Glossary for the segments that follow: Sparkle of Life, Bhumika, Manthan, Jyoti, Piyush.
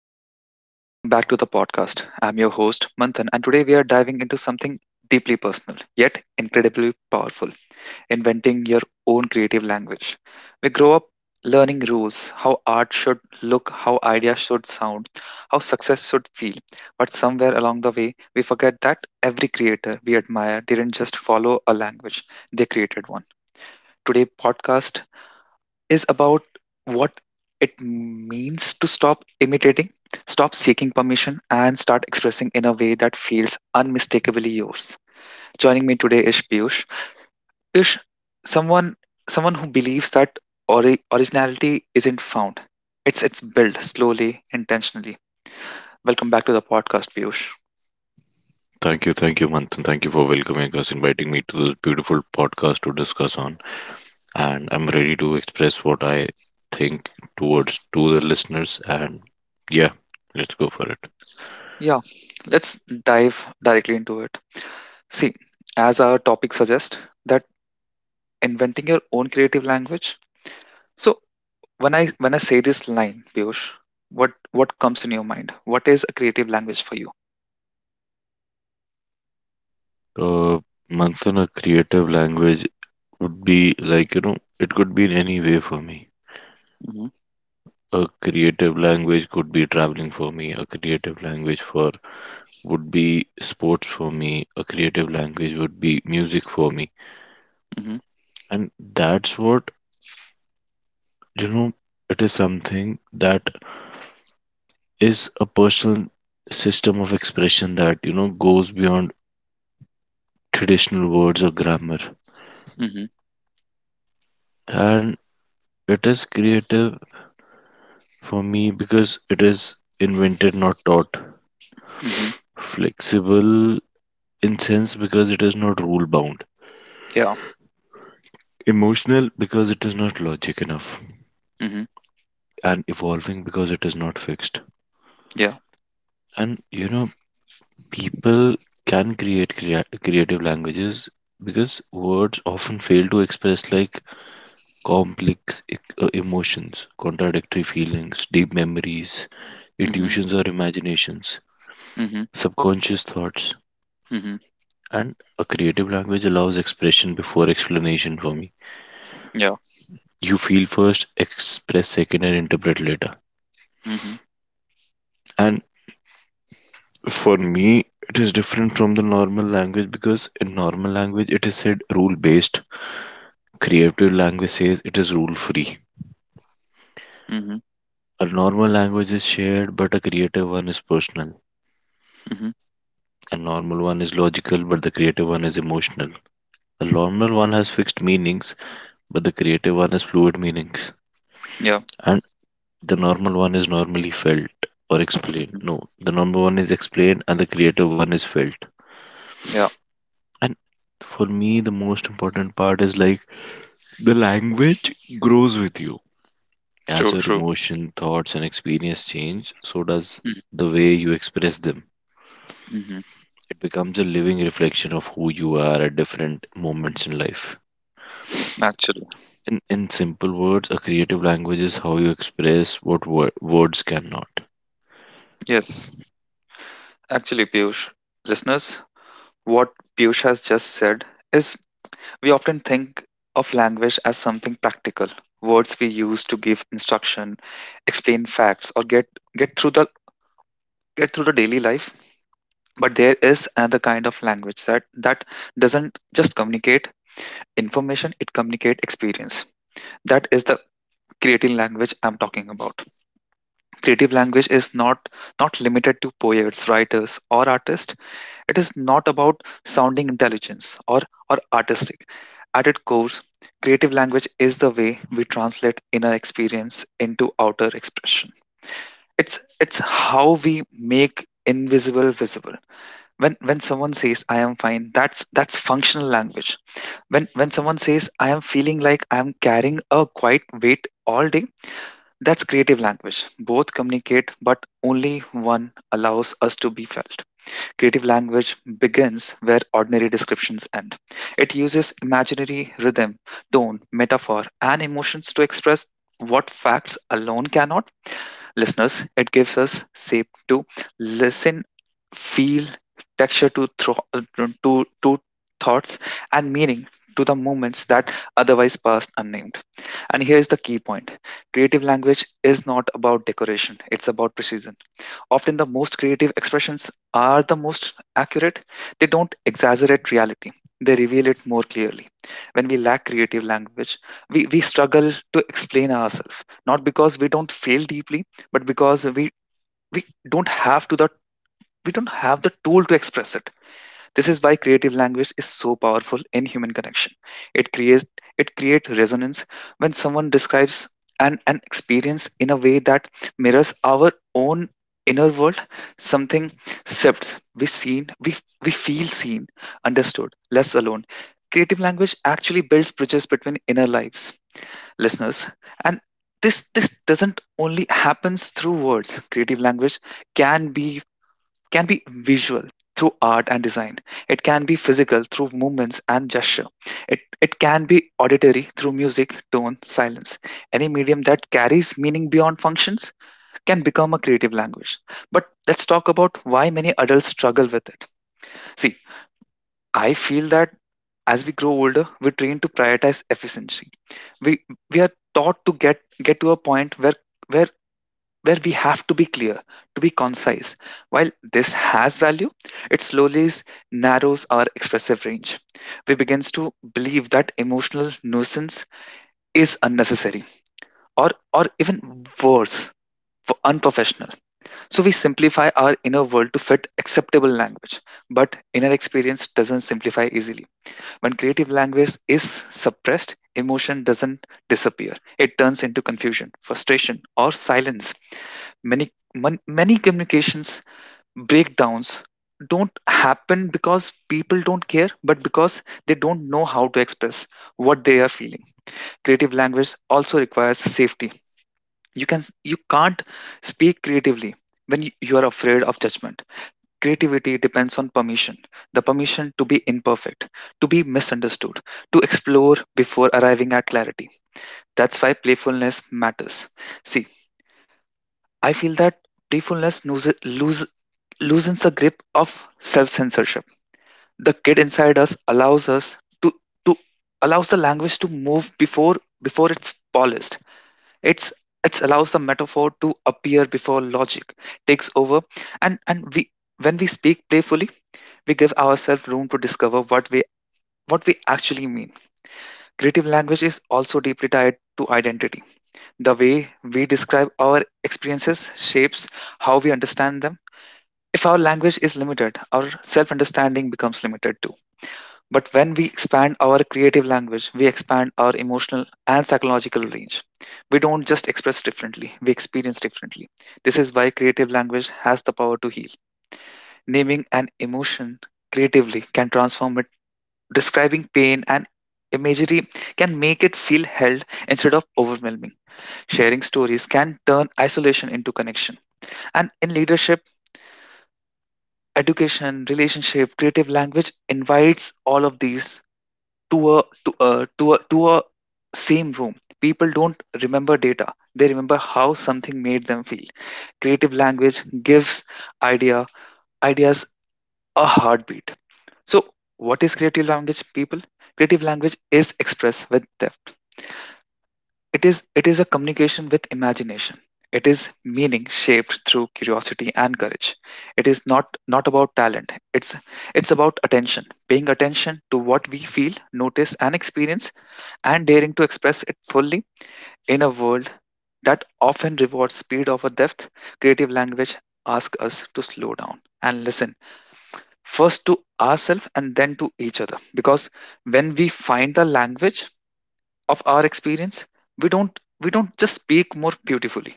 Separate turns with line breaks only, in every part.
Hello, everyone. Welcome back to the podcast. I'm your host, Manthan, and today we are diving into something deeply personal, yet incredibly powerful inventing your own creative language. We grow up learning rules, how art should look, how ideas should sound, how success should feel. But somewhere along the way, we forget that every creator we admire didn't just follow a language, they created one. Today podcast is about what it means to stop imitating, stop seeking permission, and start expressing in a way that feels unmistakably yours. Joining me today is Piyush. Piyush, someone someone who believes that originality isn't found. It's built slowly, intentionally. Welcome back to the podcast, Piyush.
Thank you, Manthan. Thank you for welcoming us, inviting me to this beautiful podcast to discuss on. And I'm ready to express what I think towards to the listeners. And yeah, let's go for it.
Yeah, let's dive directly into it. See, as our topic suggests, that inventing your own creative language. So when I say this line, Piyush, what comes in your mind? What is a creative language for you?
Uh, Manthan, a creative language would be like it could be in any way for me.
Mm-hmm,
A creative language could be traveling for me. A creative language for would be sports for me. A creative language would be music for me.
mm-hmm,
And that's what You know, it is something that is a personal system of expression that, goes beyond traditional words or grammar.
mm-hmm,
And it is creative for me because it is invented, not taught.
mm-hmm,
Flexible in sense because it is not rule bound.
yeah,
Emotional because it is not logic enough.
mm-hmm,
And evolving because it is not fixed.
yeah,
And people can creative languages because words often fail to express like complex emotions, contradictory feelings, deep memories,
mm-hmm,
intuitions or imaginations,
mm-hmm,
subconscious thoughts.
mm-hmm,
And a creative language allows expression before explanation for me.
yeah,
You feel first, express second, and interpret later.
mm-hmm,
And for me it is different from the normal language because in normal language it is said rule based. Creative language says it is rule free.
mm-hmm,
A normal language is shared, but a creative one is personal.
mm-hmm,
A normal one is logical, but the creative one is emotional. A normal one has fixed meanings, but the creative one has fluid meanings.
yeah,
And the normal one is normally felt or explained.
mm-hmm,
No, the normal one is explained and the creative one is felt.
yeah.
And for me, the most important part is like the language grows with you. As
True,
your
true.
emotion, thoughts, and experience change, so does the way you express them.
Mm-hmm, mm-hmm.
It becomes a living reflection of who you are at different moments in life.
Actually,
In simple words, a creative language is how you express what words cannot.
yes, actually, Piyush, listeners, what Piyush has just said is we often think of language as something practical, words we use to give instruction, explain facts, or get through the get through the daily life. But there is another kind of language that doesn't just communicate information, it communicate experience. That is the creative language I'm talking about. Creative language is not limited to poets, writers, or artists. It is not about sounding intelligence or artistic. At its core, creative language is the way we translate inner experience into outer expression. It's it's how we make invisible visible. When someone says I am fine, that's functional language. When someone says I am feeling like I am carrying a quiet weight all day, that's creative language. Both communicate, but only one allows us to be felt. Creative language begins where ordinary descriptions end. It uses imaginary rhythm, tone, metaphor, and emotions to express what facts alone cannot. Listeners, it gives us shape to listen, feel, texture to to to thoughts, and meaning to the moments that otherwise passed unnamed. And here is the key point. Creative language is not about decoration, it's about precision. Often the most creative expressions are the most accurate. They don't exaggerate reality. They reveal it more clearly. When we lack creative language, we struggle to explain ourselves. Not because we don't feel deeply, but because we don't have to the we don't have the tool to express it. This is why creative language is so powerful in human connection. it creates it creates resonance when someone describes an experience in a way that mirrors our own inner world. Something shifts. We feel seen, understood, less alone. Creative language actually builds bridges between inner lives. Listeners, and this doesn't only happens through words. Creative language can be visual through art and design. It can be physical through movements and gesture. It can be auditory through music, tone, silence. Any medium that carries meaning beyond functions can become a creative language. But let's talk about why many adults struggle with it. See, I feel that as we grow older, we're trained to prioritize efficiency. We we are taught to get to a point where where we have to be clear, to be concise. While this has value, it narrows our expressive range. We begins to believe that emotional nuisance is unnecessary or even worse for unprofessional. So we simplify our inner world to fit acceptable language. But inner experience doesn't simplify easily. When creative language is suppressed, emotion doesn't disappear. It turns into confusion, frustration, or silence. Many many communications breakdowns don't happen because people don't care, but because they don't know how to express what they are feeling. Creative language also requires safety. You can't speak creatively when you are afraid of judgment. Creativity depends on permission, the permission to be imperfect, to be misunderstood, to explore before arriving at clarity. That's why playfulness matters. See, I feel that playfulness loosens the grip of self-censorship. The kid inside us allows us to to allows the language to move before it's polished. It's it allows the metaphor to appear before logic takes over, and we when we speak playfully, we give ourselves room to discover what we actually mean. Creative language is also deeply tied to identity. The way we describe our experiences shapes how we understand them. If our language is limited, our self understanding becomes limited too. But when we expand our creative language, we expand our emotional and psychological range. We don't just express differently, we experience differently. This is why creative language has the power to heal. Naming an emotion creatively can transform it, describing pain and imagery can make it feel held instead of overwhelming. Sharing stories can turn isolation into connection. And in leadership, education, relationship, creative language invites all of these to a same room. People don't remember data; they remember how something made them feel. Creative language gives idea ideas a heartbeat. So, what is creative language, people? Creative language is expressed with depth. It is a communication with imagination. It is meaning shaped through curiosity and courage. It is not about talent. It's about attention, paying attention to what we feel, notice, and experience, and daring to express it fully in a world that often rewards speed over depth. Creative language asks us to slow down and listen, first to ourselves and then to each other, because when we find the language of our experience, we don't we don't just speak more beautifully,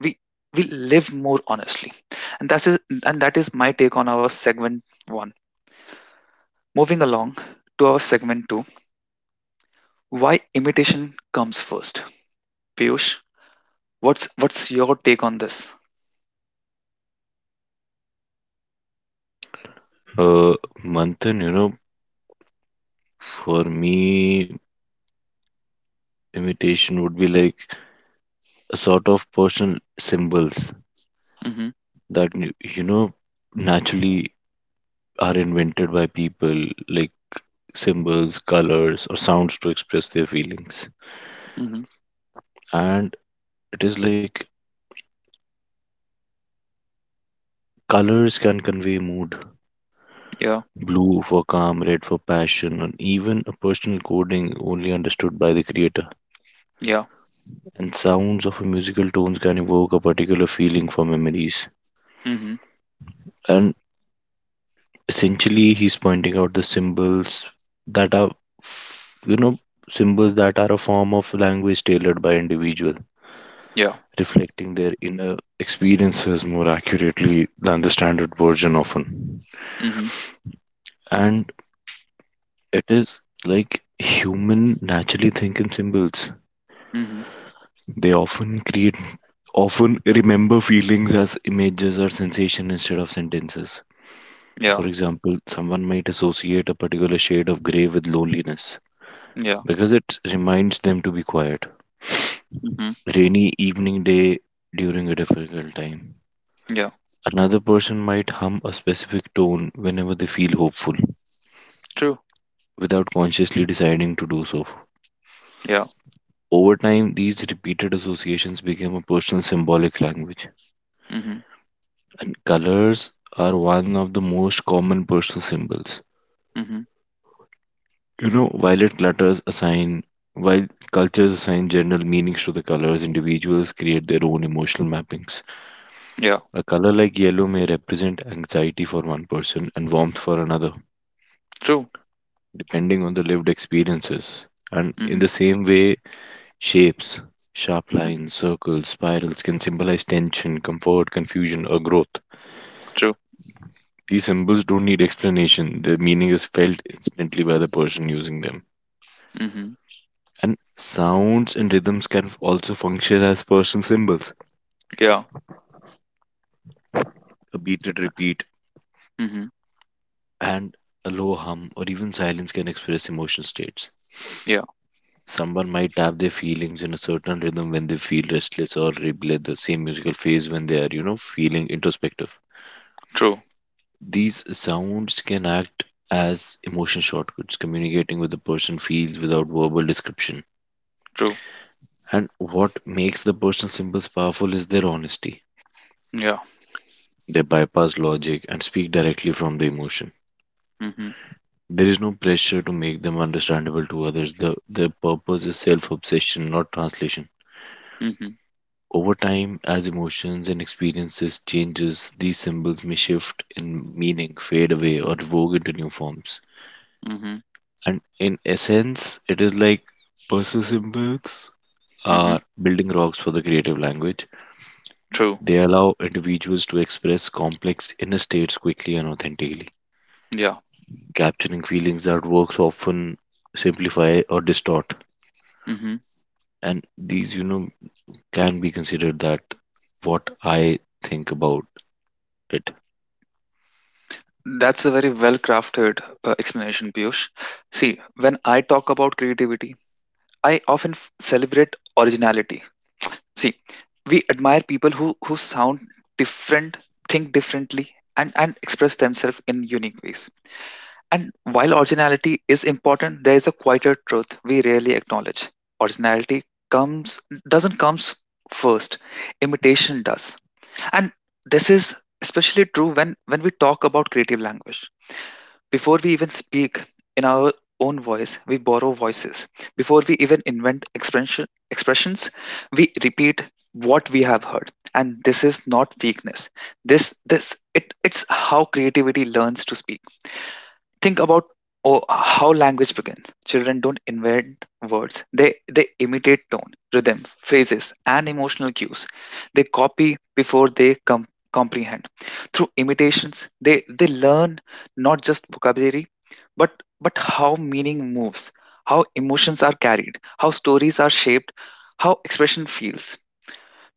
we we live more honestly. And that's is and that is my take on our segment 1. Moving along to our segment 2, why imitation comes first. Piyush, what's your take on this?
Uh, Manthan, for me, imitation would be like a sort of personal symbols
Mm-hmm,
that, naturally are invented by people, like symbols, colors, or sounds to express their feelings.
mm-hmm,
And it is like colors can convey mood,
yeah,
blue for calm, red for passion, or even a personal coding only understood by the creator.
yeah,
And sounds of a musical tones can evoke a particular feeling for memories.
mm-hmm,
And essentially, he's pointing out the symbols that are, you know, symbols that are a form of language tailored by individual,
yeah,
reflecting their inner experiences more accurately than the standard version often.
mm-hmm,
And it is like human naturally think in symbols.
mm-hmm,
They often remember feelings as images or sensation instead of sentences.
yeah,
For example, someone might associate a particular shade of gray with loneliness
yeah,
because it reminds them to be quiet.
mm-hmm,
Rainy evening day during a difficult time.
yeah,
Another person might hum a specific tone whenever they feel hopeful
true,
without consciously deciding to do so.
yeah,
Over time, these repeated associations become a personal symbolic language.
mm-hmm,
And colors are one of the most common personal symbols.
mm-hmm,
Violet clutters assign, while cultures assign general meanings to the colors, individuals create their own emotional mappings.
yeah,
A color like yellow may represent anxiety for one person and warmth for another,
true,
depending on the lived experiences. And
mm-hmm,
in the same way, shapes, sharp
mm,
lines, circles, spirals can symbolize tension, comfort, confusion, or growth.
true,
These symbols don't need explanation, their meaning is felt instantly by the person using them.
mm-hmm,
And sounds and rhythms can also function as person symbols.
yeah,
A beated repeat
mm-hmm,
and a low hum or even silence can express emotional states.
yeah,
Someone might tap their feelings in a certain rhythm when they feel restless or replay the same musical phase when they are, feeling introspective.
true.
These sounds can act as emotion shortcuts, communicating with the person feels without verbal description.
True.
And what makes the personal symbols powerful is their honesty.
Yeah.
They bypass logic and speak directly from the emotion.
Mm-hmm.
There is no pressure to make them understandable to others. Their purpose is self obsession, not translation.
Mm-hmm.
Over time, as emotions and experiences changes, these symbols may shift in meaning, fade away, or evolve into new forms.
Mm-hmm.
And in essence, it is like personal symbols
Mm-hmm.
are building rocks for the creative language.
True.
They allow individuals to express complex inner states quickly and authentically,
Yeah.
capturing feelings that works often simplify or distort.
Mm-hmm.
And these, can be considered that what I think about it.
That's a very well crafted explanation, Piyush. See, when I talk about creativity, I often celebrate originality. See, we admire people who sound different, think differently, and express themselves in unique ways. And while originality is important, there is a quieter truth we rarely acknowledge. Originality comes doesn't comes first, imitation does. And this is especially true when we talk about creative language. Before we even speak in our own voice, we borrow voices. Before we even invent expressions, we repeat what we have heard. And this is not weakness. It's how creativity learns to speak. Think about oh, how language begins. Children don't invent words. They imitate tone, rhythm, phrases, and emotional cues. They copy before they comprehend. Through imitations, they learn not just vocabulary, but how meaning moves, how emotions are carried, how stories are shaped, how expression feels.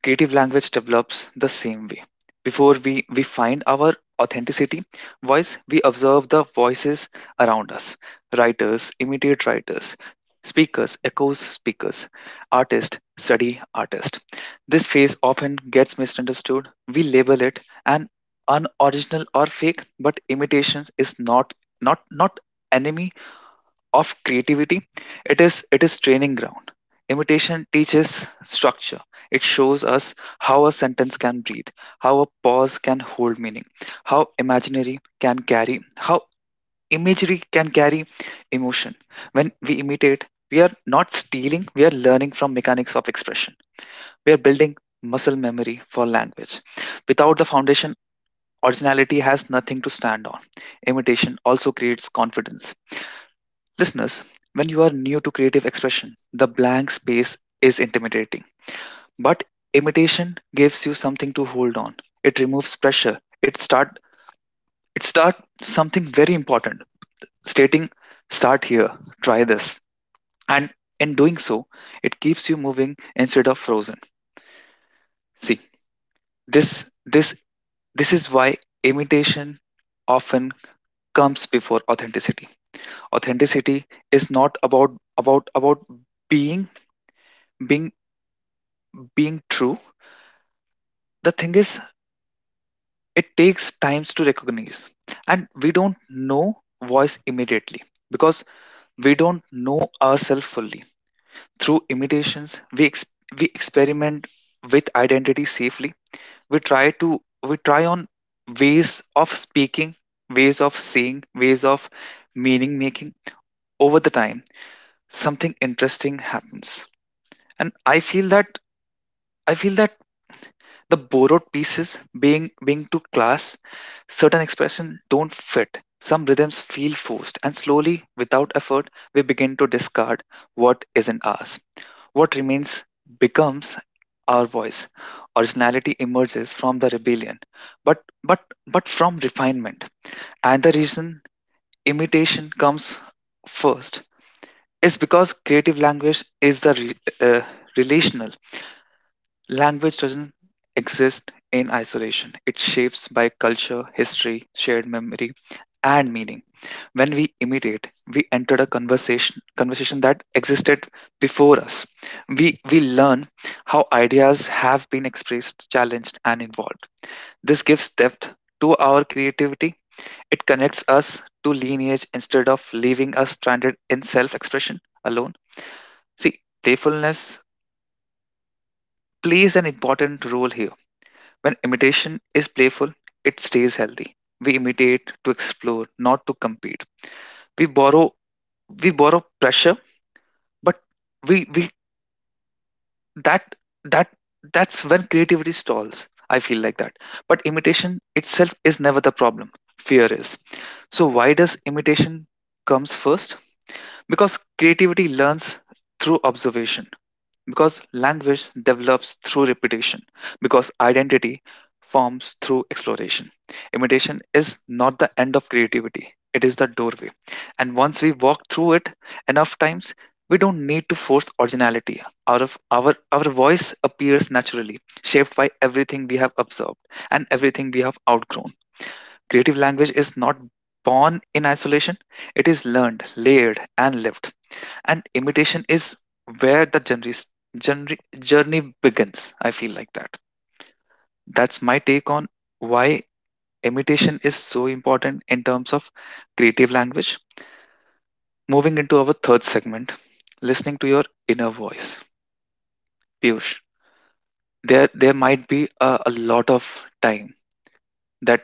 Creative language develops the same way. Before we find our authenticity voice, we observe the voices around us. Writers imitate writers, speakers echoes speakers, artists study artists. This phase often gets misunderstood. We label it an unoriginal or fake, but imitations is not enemy of creativity. It is training ground. Imitation teaches structure. It shows us how a sentence can breathe, how a pause can hold meaning, how imaginary can carry how imagery can carry emotion. When we imitate, we are not stealing, we are learning from mechanics of expression. We are building muscle memory for language. Without the foundation, originality has nothing to stand on. Imitation also creates confidence. Listeners, when you are new to creative expression, the blank space is intimidating. But imitation gives you something to hold on. It removes pressure. It start something very important, stating start here, try this. And in doing so, it keeps you moving instead of frozen. See, this this this is why imitation often comes before authenticity. Authenticity is not about being being being true. The thing is, it takes times to recognize, and we don't know voice immediately because we don't know ourselves fully. Through imitations, we experiment with identity safely. we try to we try on ways of speaking, ways of saying, ways of meaning making. Over the time, something interesting happens, and I feel that the borrowed pieces being being to class certain expression don't fit, some rhythms feel forced, and slowly, without effort, we begin to discard what isn't ours. What remains becomes our voice. Originality emerges from the rebellion, but but but from refinement. And the reason imitation comes first is because creative language is uh, relational. Language doesn't exist in isolation. It shapes by culture, history, shared memory, and meaning. When we imitate, we entered a conversation that existed before us. We learn how ideas have been expressed, challenged, and evolved. This gives depth to our creativity. It connects us to lineage instead of leaving us stranded in self-expression alone. See, playfulness plays an important role here. When imitation is playful, it stays healthy. We imitate to explore, not to compete. We borrow we borrow pressure, but we that that that's when creativity stalls. I feel like that. But imitation itself is never the problem. Fear is. So why does imitation comes first? Because creativity learns through observation. Because language develops through repetition, because identity forms through exploration. Imitation is not the end of creativity, it is the doorway. And once we walk through it enough times, we don't need to force originality. Out of our voice appears naturally, shaped by everything we have observed and everything we have outgrown. Creative language is not born in isolation, it is learned, layered, and lived, and imitation is where the journey journey begins. I feel like that. That's my take on why imitation is so important in terms of creative language. Moving into our third segment, listening to your inner voice. Piyush, there might be a lot of time that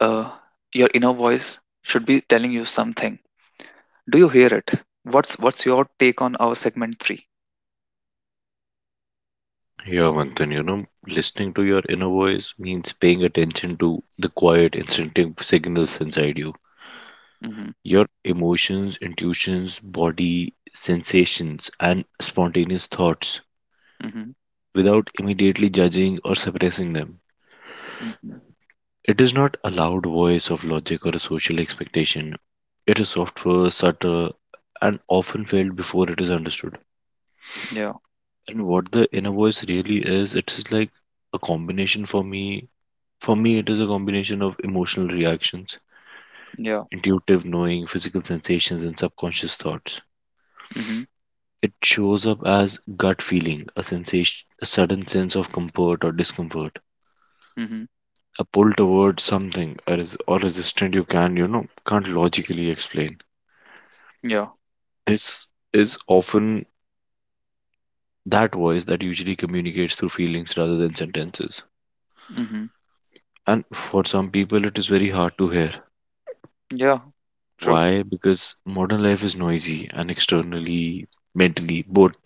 uh, your inner voice should be telling you something. Do you hear it? What's your take on our segment 3?
Yeah, Manthan, listening to your inner voice means paying attention to the quiet, instinctive signals inside you.
Mm-hmm.
Your emotions, intuitions, body, sensations, and spontaneous thoughts
Mm-hmm.
without immediately judging or suppressing them.
Mm-hmm.
It is not a loud voice of logic or a social expectation. It is softer, subtle, and often failed before it is understood.
Yeah.
And what the inner voice really is, it is like a combination for me. For me, it is a combination of emotional reactions,
Yeah.
intuitive knowing, physical sensations, and subconscious thoughts.
Mm-hmm.
It shows up as gut feeling, a sensation, a sudden sense of comfort or discomfort,
Mhm.
a pull towards something, or, or resistance you can, can't logically explain.
Yeah.
This is often that voice that usually communicates through feelings rather than sentences.
Mhm.
And for some people, it is very hard to hear.
Yeah. True.
Why? Because modern life is noisy and externally, mentally, both.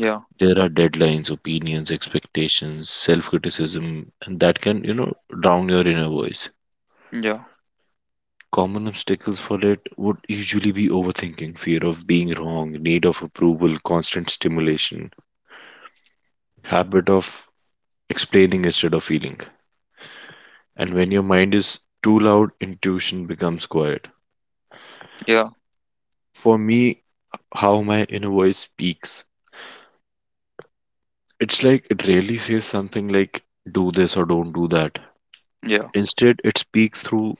Yeah.
There are deadlines, opinions, expectations, self criticism, and that can, drown your inner voice.
Yeah.
Common obstacles for it would usually be overthinking, fear of being wrong, need of approval, constant stimulation, habit of explaining instead of feeling. And when your mind is too loud, intuition becomes quiet.
Yeah.
For me, how my inner voice speaks, it's like it rarely says something like, do this or don't do that.
Yeah.
Instead, it speaks through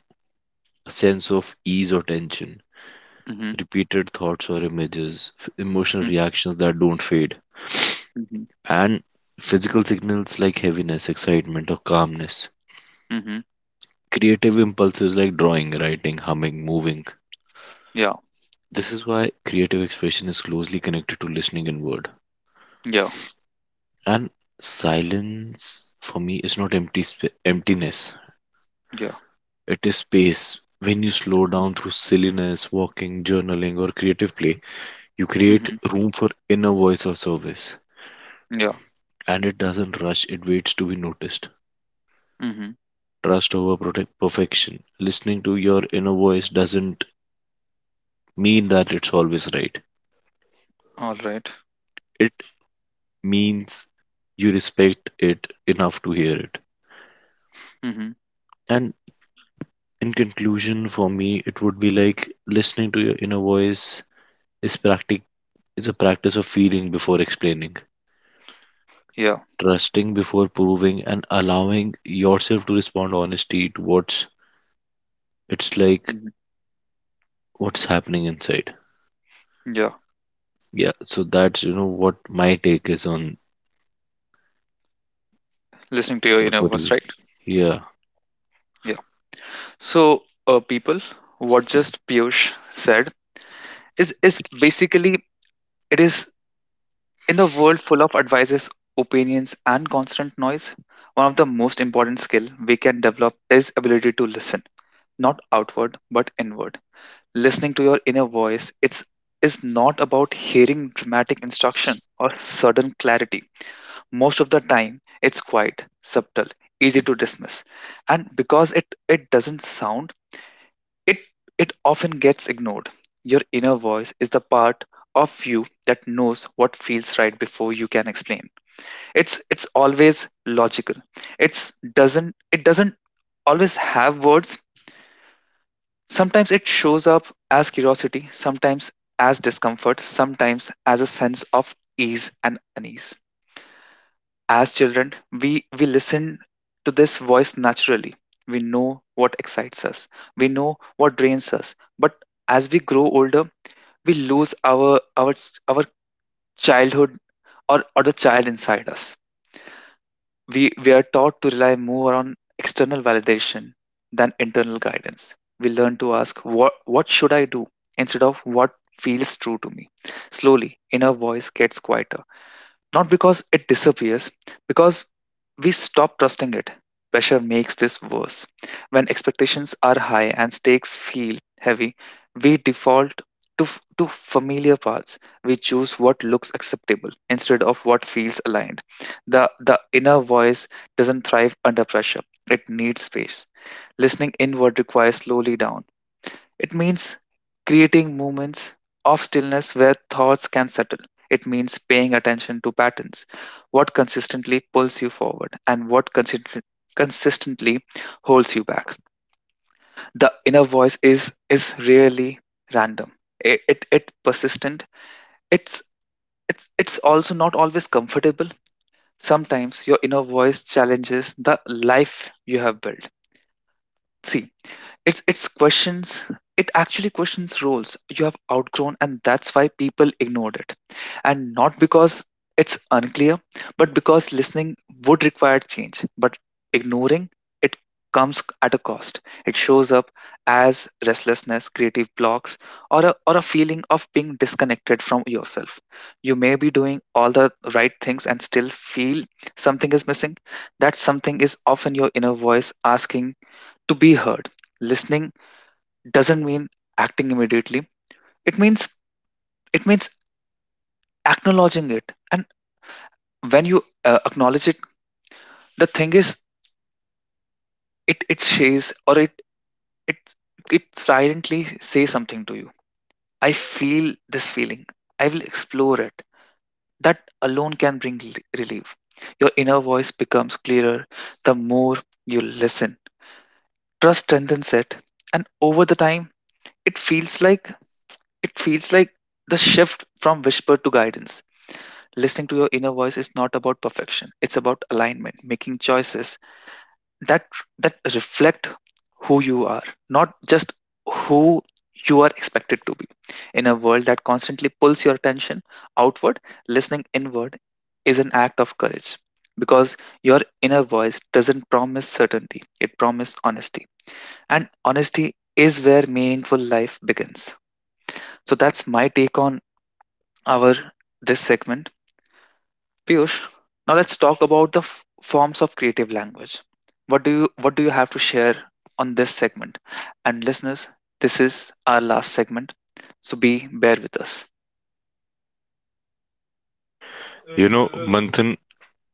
a sense of ease or tension,
Mhm.
repeated thoughts or images, emotional
Mhm.
reactions that don't fade,
Mhm.
and physical signals like heaviness, excitement, or calmness.
Mhm.
Creative impulses like drawing, writing, humming, moving.
Yeah.
This is why creative expression is closely connected to listening inward.
Yeah.
And silence for me is not emptiness.
Yeah.
It is space. When you slow down through silliness, walking, journaling, or creative play, you create
Mhm.
room for inner voice or service.
Yeah.
And it doesn't rush, it waits to be noticed.
Mhm.
Trust over perfection. Listening to your inner voice doesn't mean that it's always right.
All right.
It means you respect it enough to hear it.
Mhm.
And in conclusion, for me, it would be like listening to your inner voice is practic is a practice of feeling before explaining,
Yeah.
trusting before proving, and allowing yourself to respond honesty to what's it's like
Mhm.
what's happening inside.
Yeah.
Yeah, so that's what my take is on
Listening to your
the
inner voice,
particular.
right?
Yeah,
Yeah. So, people, what just Piyush said is basically, it is, in the world full of advices, opinions, and constant noise. One of the most important skill we can develop is ability to listen not outward but inward. Listening to your inner voice, it's is not about hearing dramatic instruction or sudden clarity. Most of the time, it's quiet, subtle, easy to dismiss. And because it doesn't sound, it it often gets ignored. Your inner voice is the part of you that knows what feels right before you can explain. It's always logical. It doesn't always have words. Sometimes it shows up as curiosity, sometimes as discomfort, sometimes as a sense of ease and unease. As children, we listen to this voice naturally. We know what excites us, we know what drains us. But as we grow older, we lose our our childhood, or the child inside us. We are taught to rely more on external validation than internal guidance. We learn to ask what should I do instead of what feels true to me. Slowly, inner voice gets quieter, not because it disappears, because we stop trusting it. Pressure makes this worse. When expectations are high and stakes feel heavy, we default to familiar paths. We choose what looks acceptable instead of what feels aligned. The inner voice doesn't thrive under pressure, it needs space. Listening inward requires slowly down. It means creating moments of stillness where thoughts can settle. It means paying attention to patterns, what consistently pulls you forward and what consistently holds you back. The inner voice is rarely random. It persistent. It's it's also not always comfortable. Sometimes your inner voice challenges the life you have built. See, it's questions. It actually questions roles you have outgrown, and that's why people ignored it. And not because it's unclear, but because listening would require change. But ignoring it comes at a cost. It shows up as restlessness, creative blocks, or a feeling of being disconnected from yourself. You may be doing all the right things and still feel something is missing. That something is often your inner voice asking to be heard. Listening doesn't mean acting immediately. It means it means acknowledging it. And when you acknowledge it, the thing is, it shays or it it silently says something to you. I feel this feeling. I will explore it. That alone can bring relief. Your inner voice becomes clearer the more you listen. Trust strengthens it, and over the time, it feels like it feels like the shift from whisper to guidance. Listening to your inner voice is not about perfection. It's about alignment, making choices that that reflect who you are, not just who you are expected to be. In a world that constantly pulls your attention outward, listening inward is an act of courage, because your inner voice doesn't promise certainty, it promises honesty. And honesty is where meaningful life begins. So that's my take on our this segment. Piyush, now let's talk about the forms of creative language. What do you have to share on this segment? And listeners, this is our last segment, so be bear with us.
Manthan,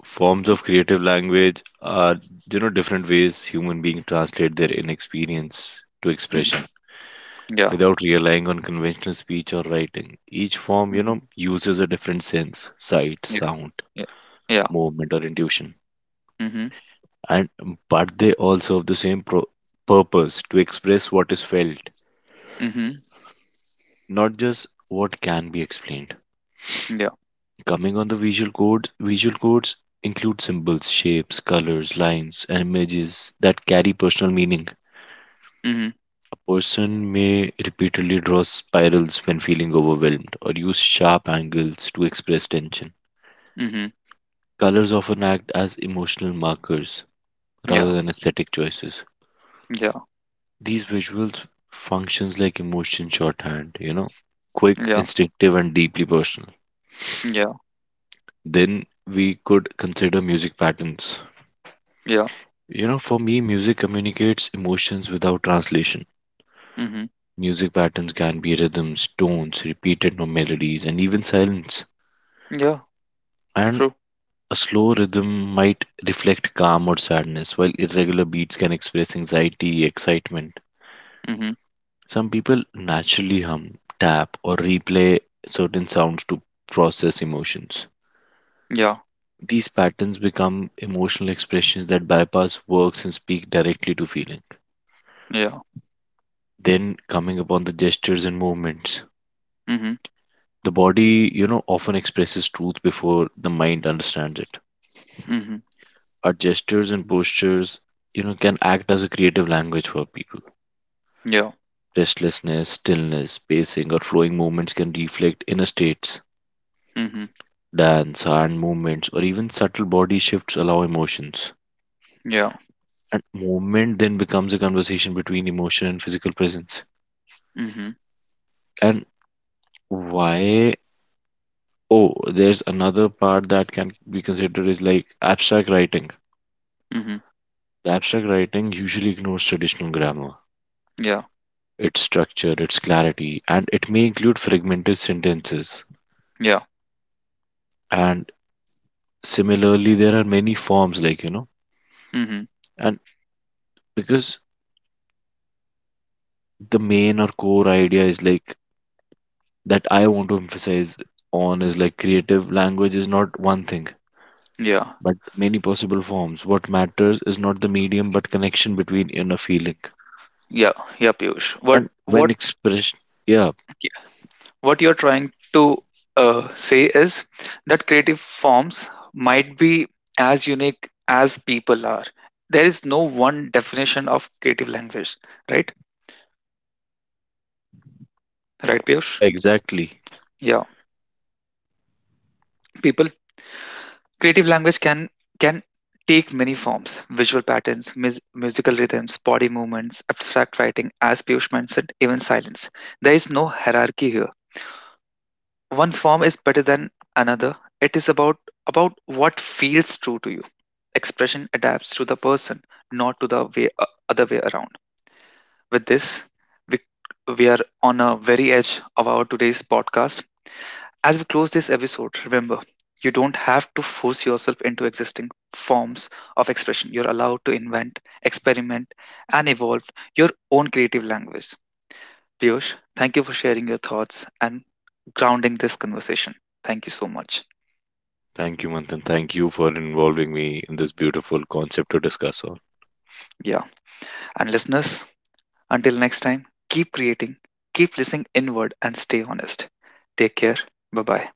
forms of creative language are different ways human beings translate their inexperience to expression
Hmm. Yeah.
without relying on conventional speech or writing. Each form,
Hmm.
uses a different sense, sight,
Yeah.
sound,
Yeah. Yeah.
movement or intuition,
Hmm.
and but they also have the same purpose to express what is felt,
Hmm.
not just what can be explained.
Yeah.
Coming on the visual codes, visual codes include symbols, shapes, colors, lines and images that carry personal meaning.
Hmm.
A person may repeatedly draw spirals when feeling overwhelmed or use sharp angles to express tension.
Hmm.
Colors often act as emotional markers rather
Yeah.
than aesthetic choices.
Yeah.
These visuals functions like emotion shorthand, quick,
Yeah.
instinctive, and deeply personal.
Yeah.
Then we could consider music patterns.
Yeah.
For me, music communicates emotions without translation.
Hmm.
Music patterns can be rhythms, tones, repeated no- melodies, and even silence.
Yeah.
And
True.
a slow rhythm might reflect calm or sadness, while irregular beats can express anxiety, excitement.
Hmm.
Some people naturally hum, tap, or replay certain sounds to process emotions.
Yeah.
These patterns become emotional expressions that bypass words and speak directly to feeling.
Yeah.
Then, coming upon the gestures and movements,
Hmm.
the body, often expresses truth before the mind understands it.
Hmm.
Our gestures and postures, can act as a creative language for people.
Yeah.
Restlessness, stillness, pacing, or flowing movements can reflect inner states.
Hmm.
Dance, hand movements, or even subtle body shifts allow emotions.
Yeah.
And movement then becomes a conversation between emotion and physical presence.
Hmm. Hmm.
And why? Oh, there's another part that can be considered is like abstract writing. The abstract writing usually ignores traditional grammar,
Yeah.
its structure, its clarity, and it may include fragmented sentences.
Yeah.
And similarly, there are many forms, like,
Hmm.
and because the main or core idea is like that I want to emphasize on is like creative language is not one thing,
Yeah.
but many possible forms. What matters is not the medium, but connection between inner feeling.
Yeah, yeah, Piyush.
And
What what
when expressed, yeah,
what you're trying to say is that creative forms might be as unique as people are. There is no one definition of creative language, right? Right, Piyush?
yeah, exactly.
Yeah, people. Creative language can take many forms: visual patterns, musical rhythms, body movements, abstract writing, as Piyush mentioned, even silence. There is no hierarchy here, one form is better than another. It is about what feels true to you. Expression adapts to the person, not to the way other way around. With this, we we are on a very edge of our today's podcast. As we close this episode, remember, you don't have to force yourself into existing forms of expression. You're allowed to invent, experiment, and evolve your own creative language. Piyush, thank you for sharing your thoughts and grounding this conversation. Thank you so much.
Thank you, Manthan. Thank you for involving me in this beautiful concept to discuss on.
Yeah. And listeners, until next time, keep creating, keep listening inward, and stay honest. Take care. Bye bye.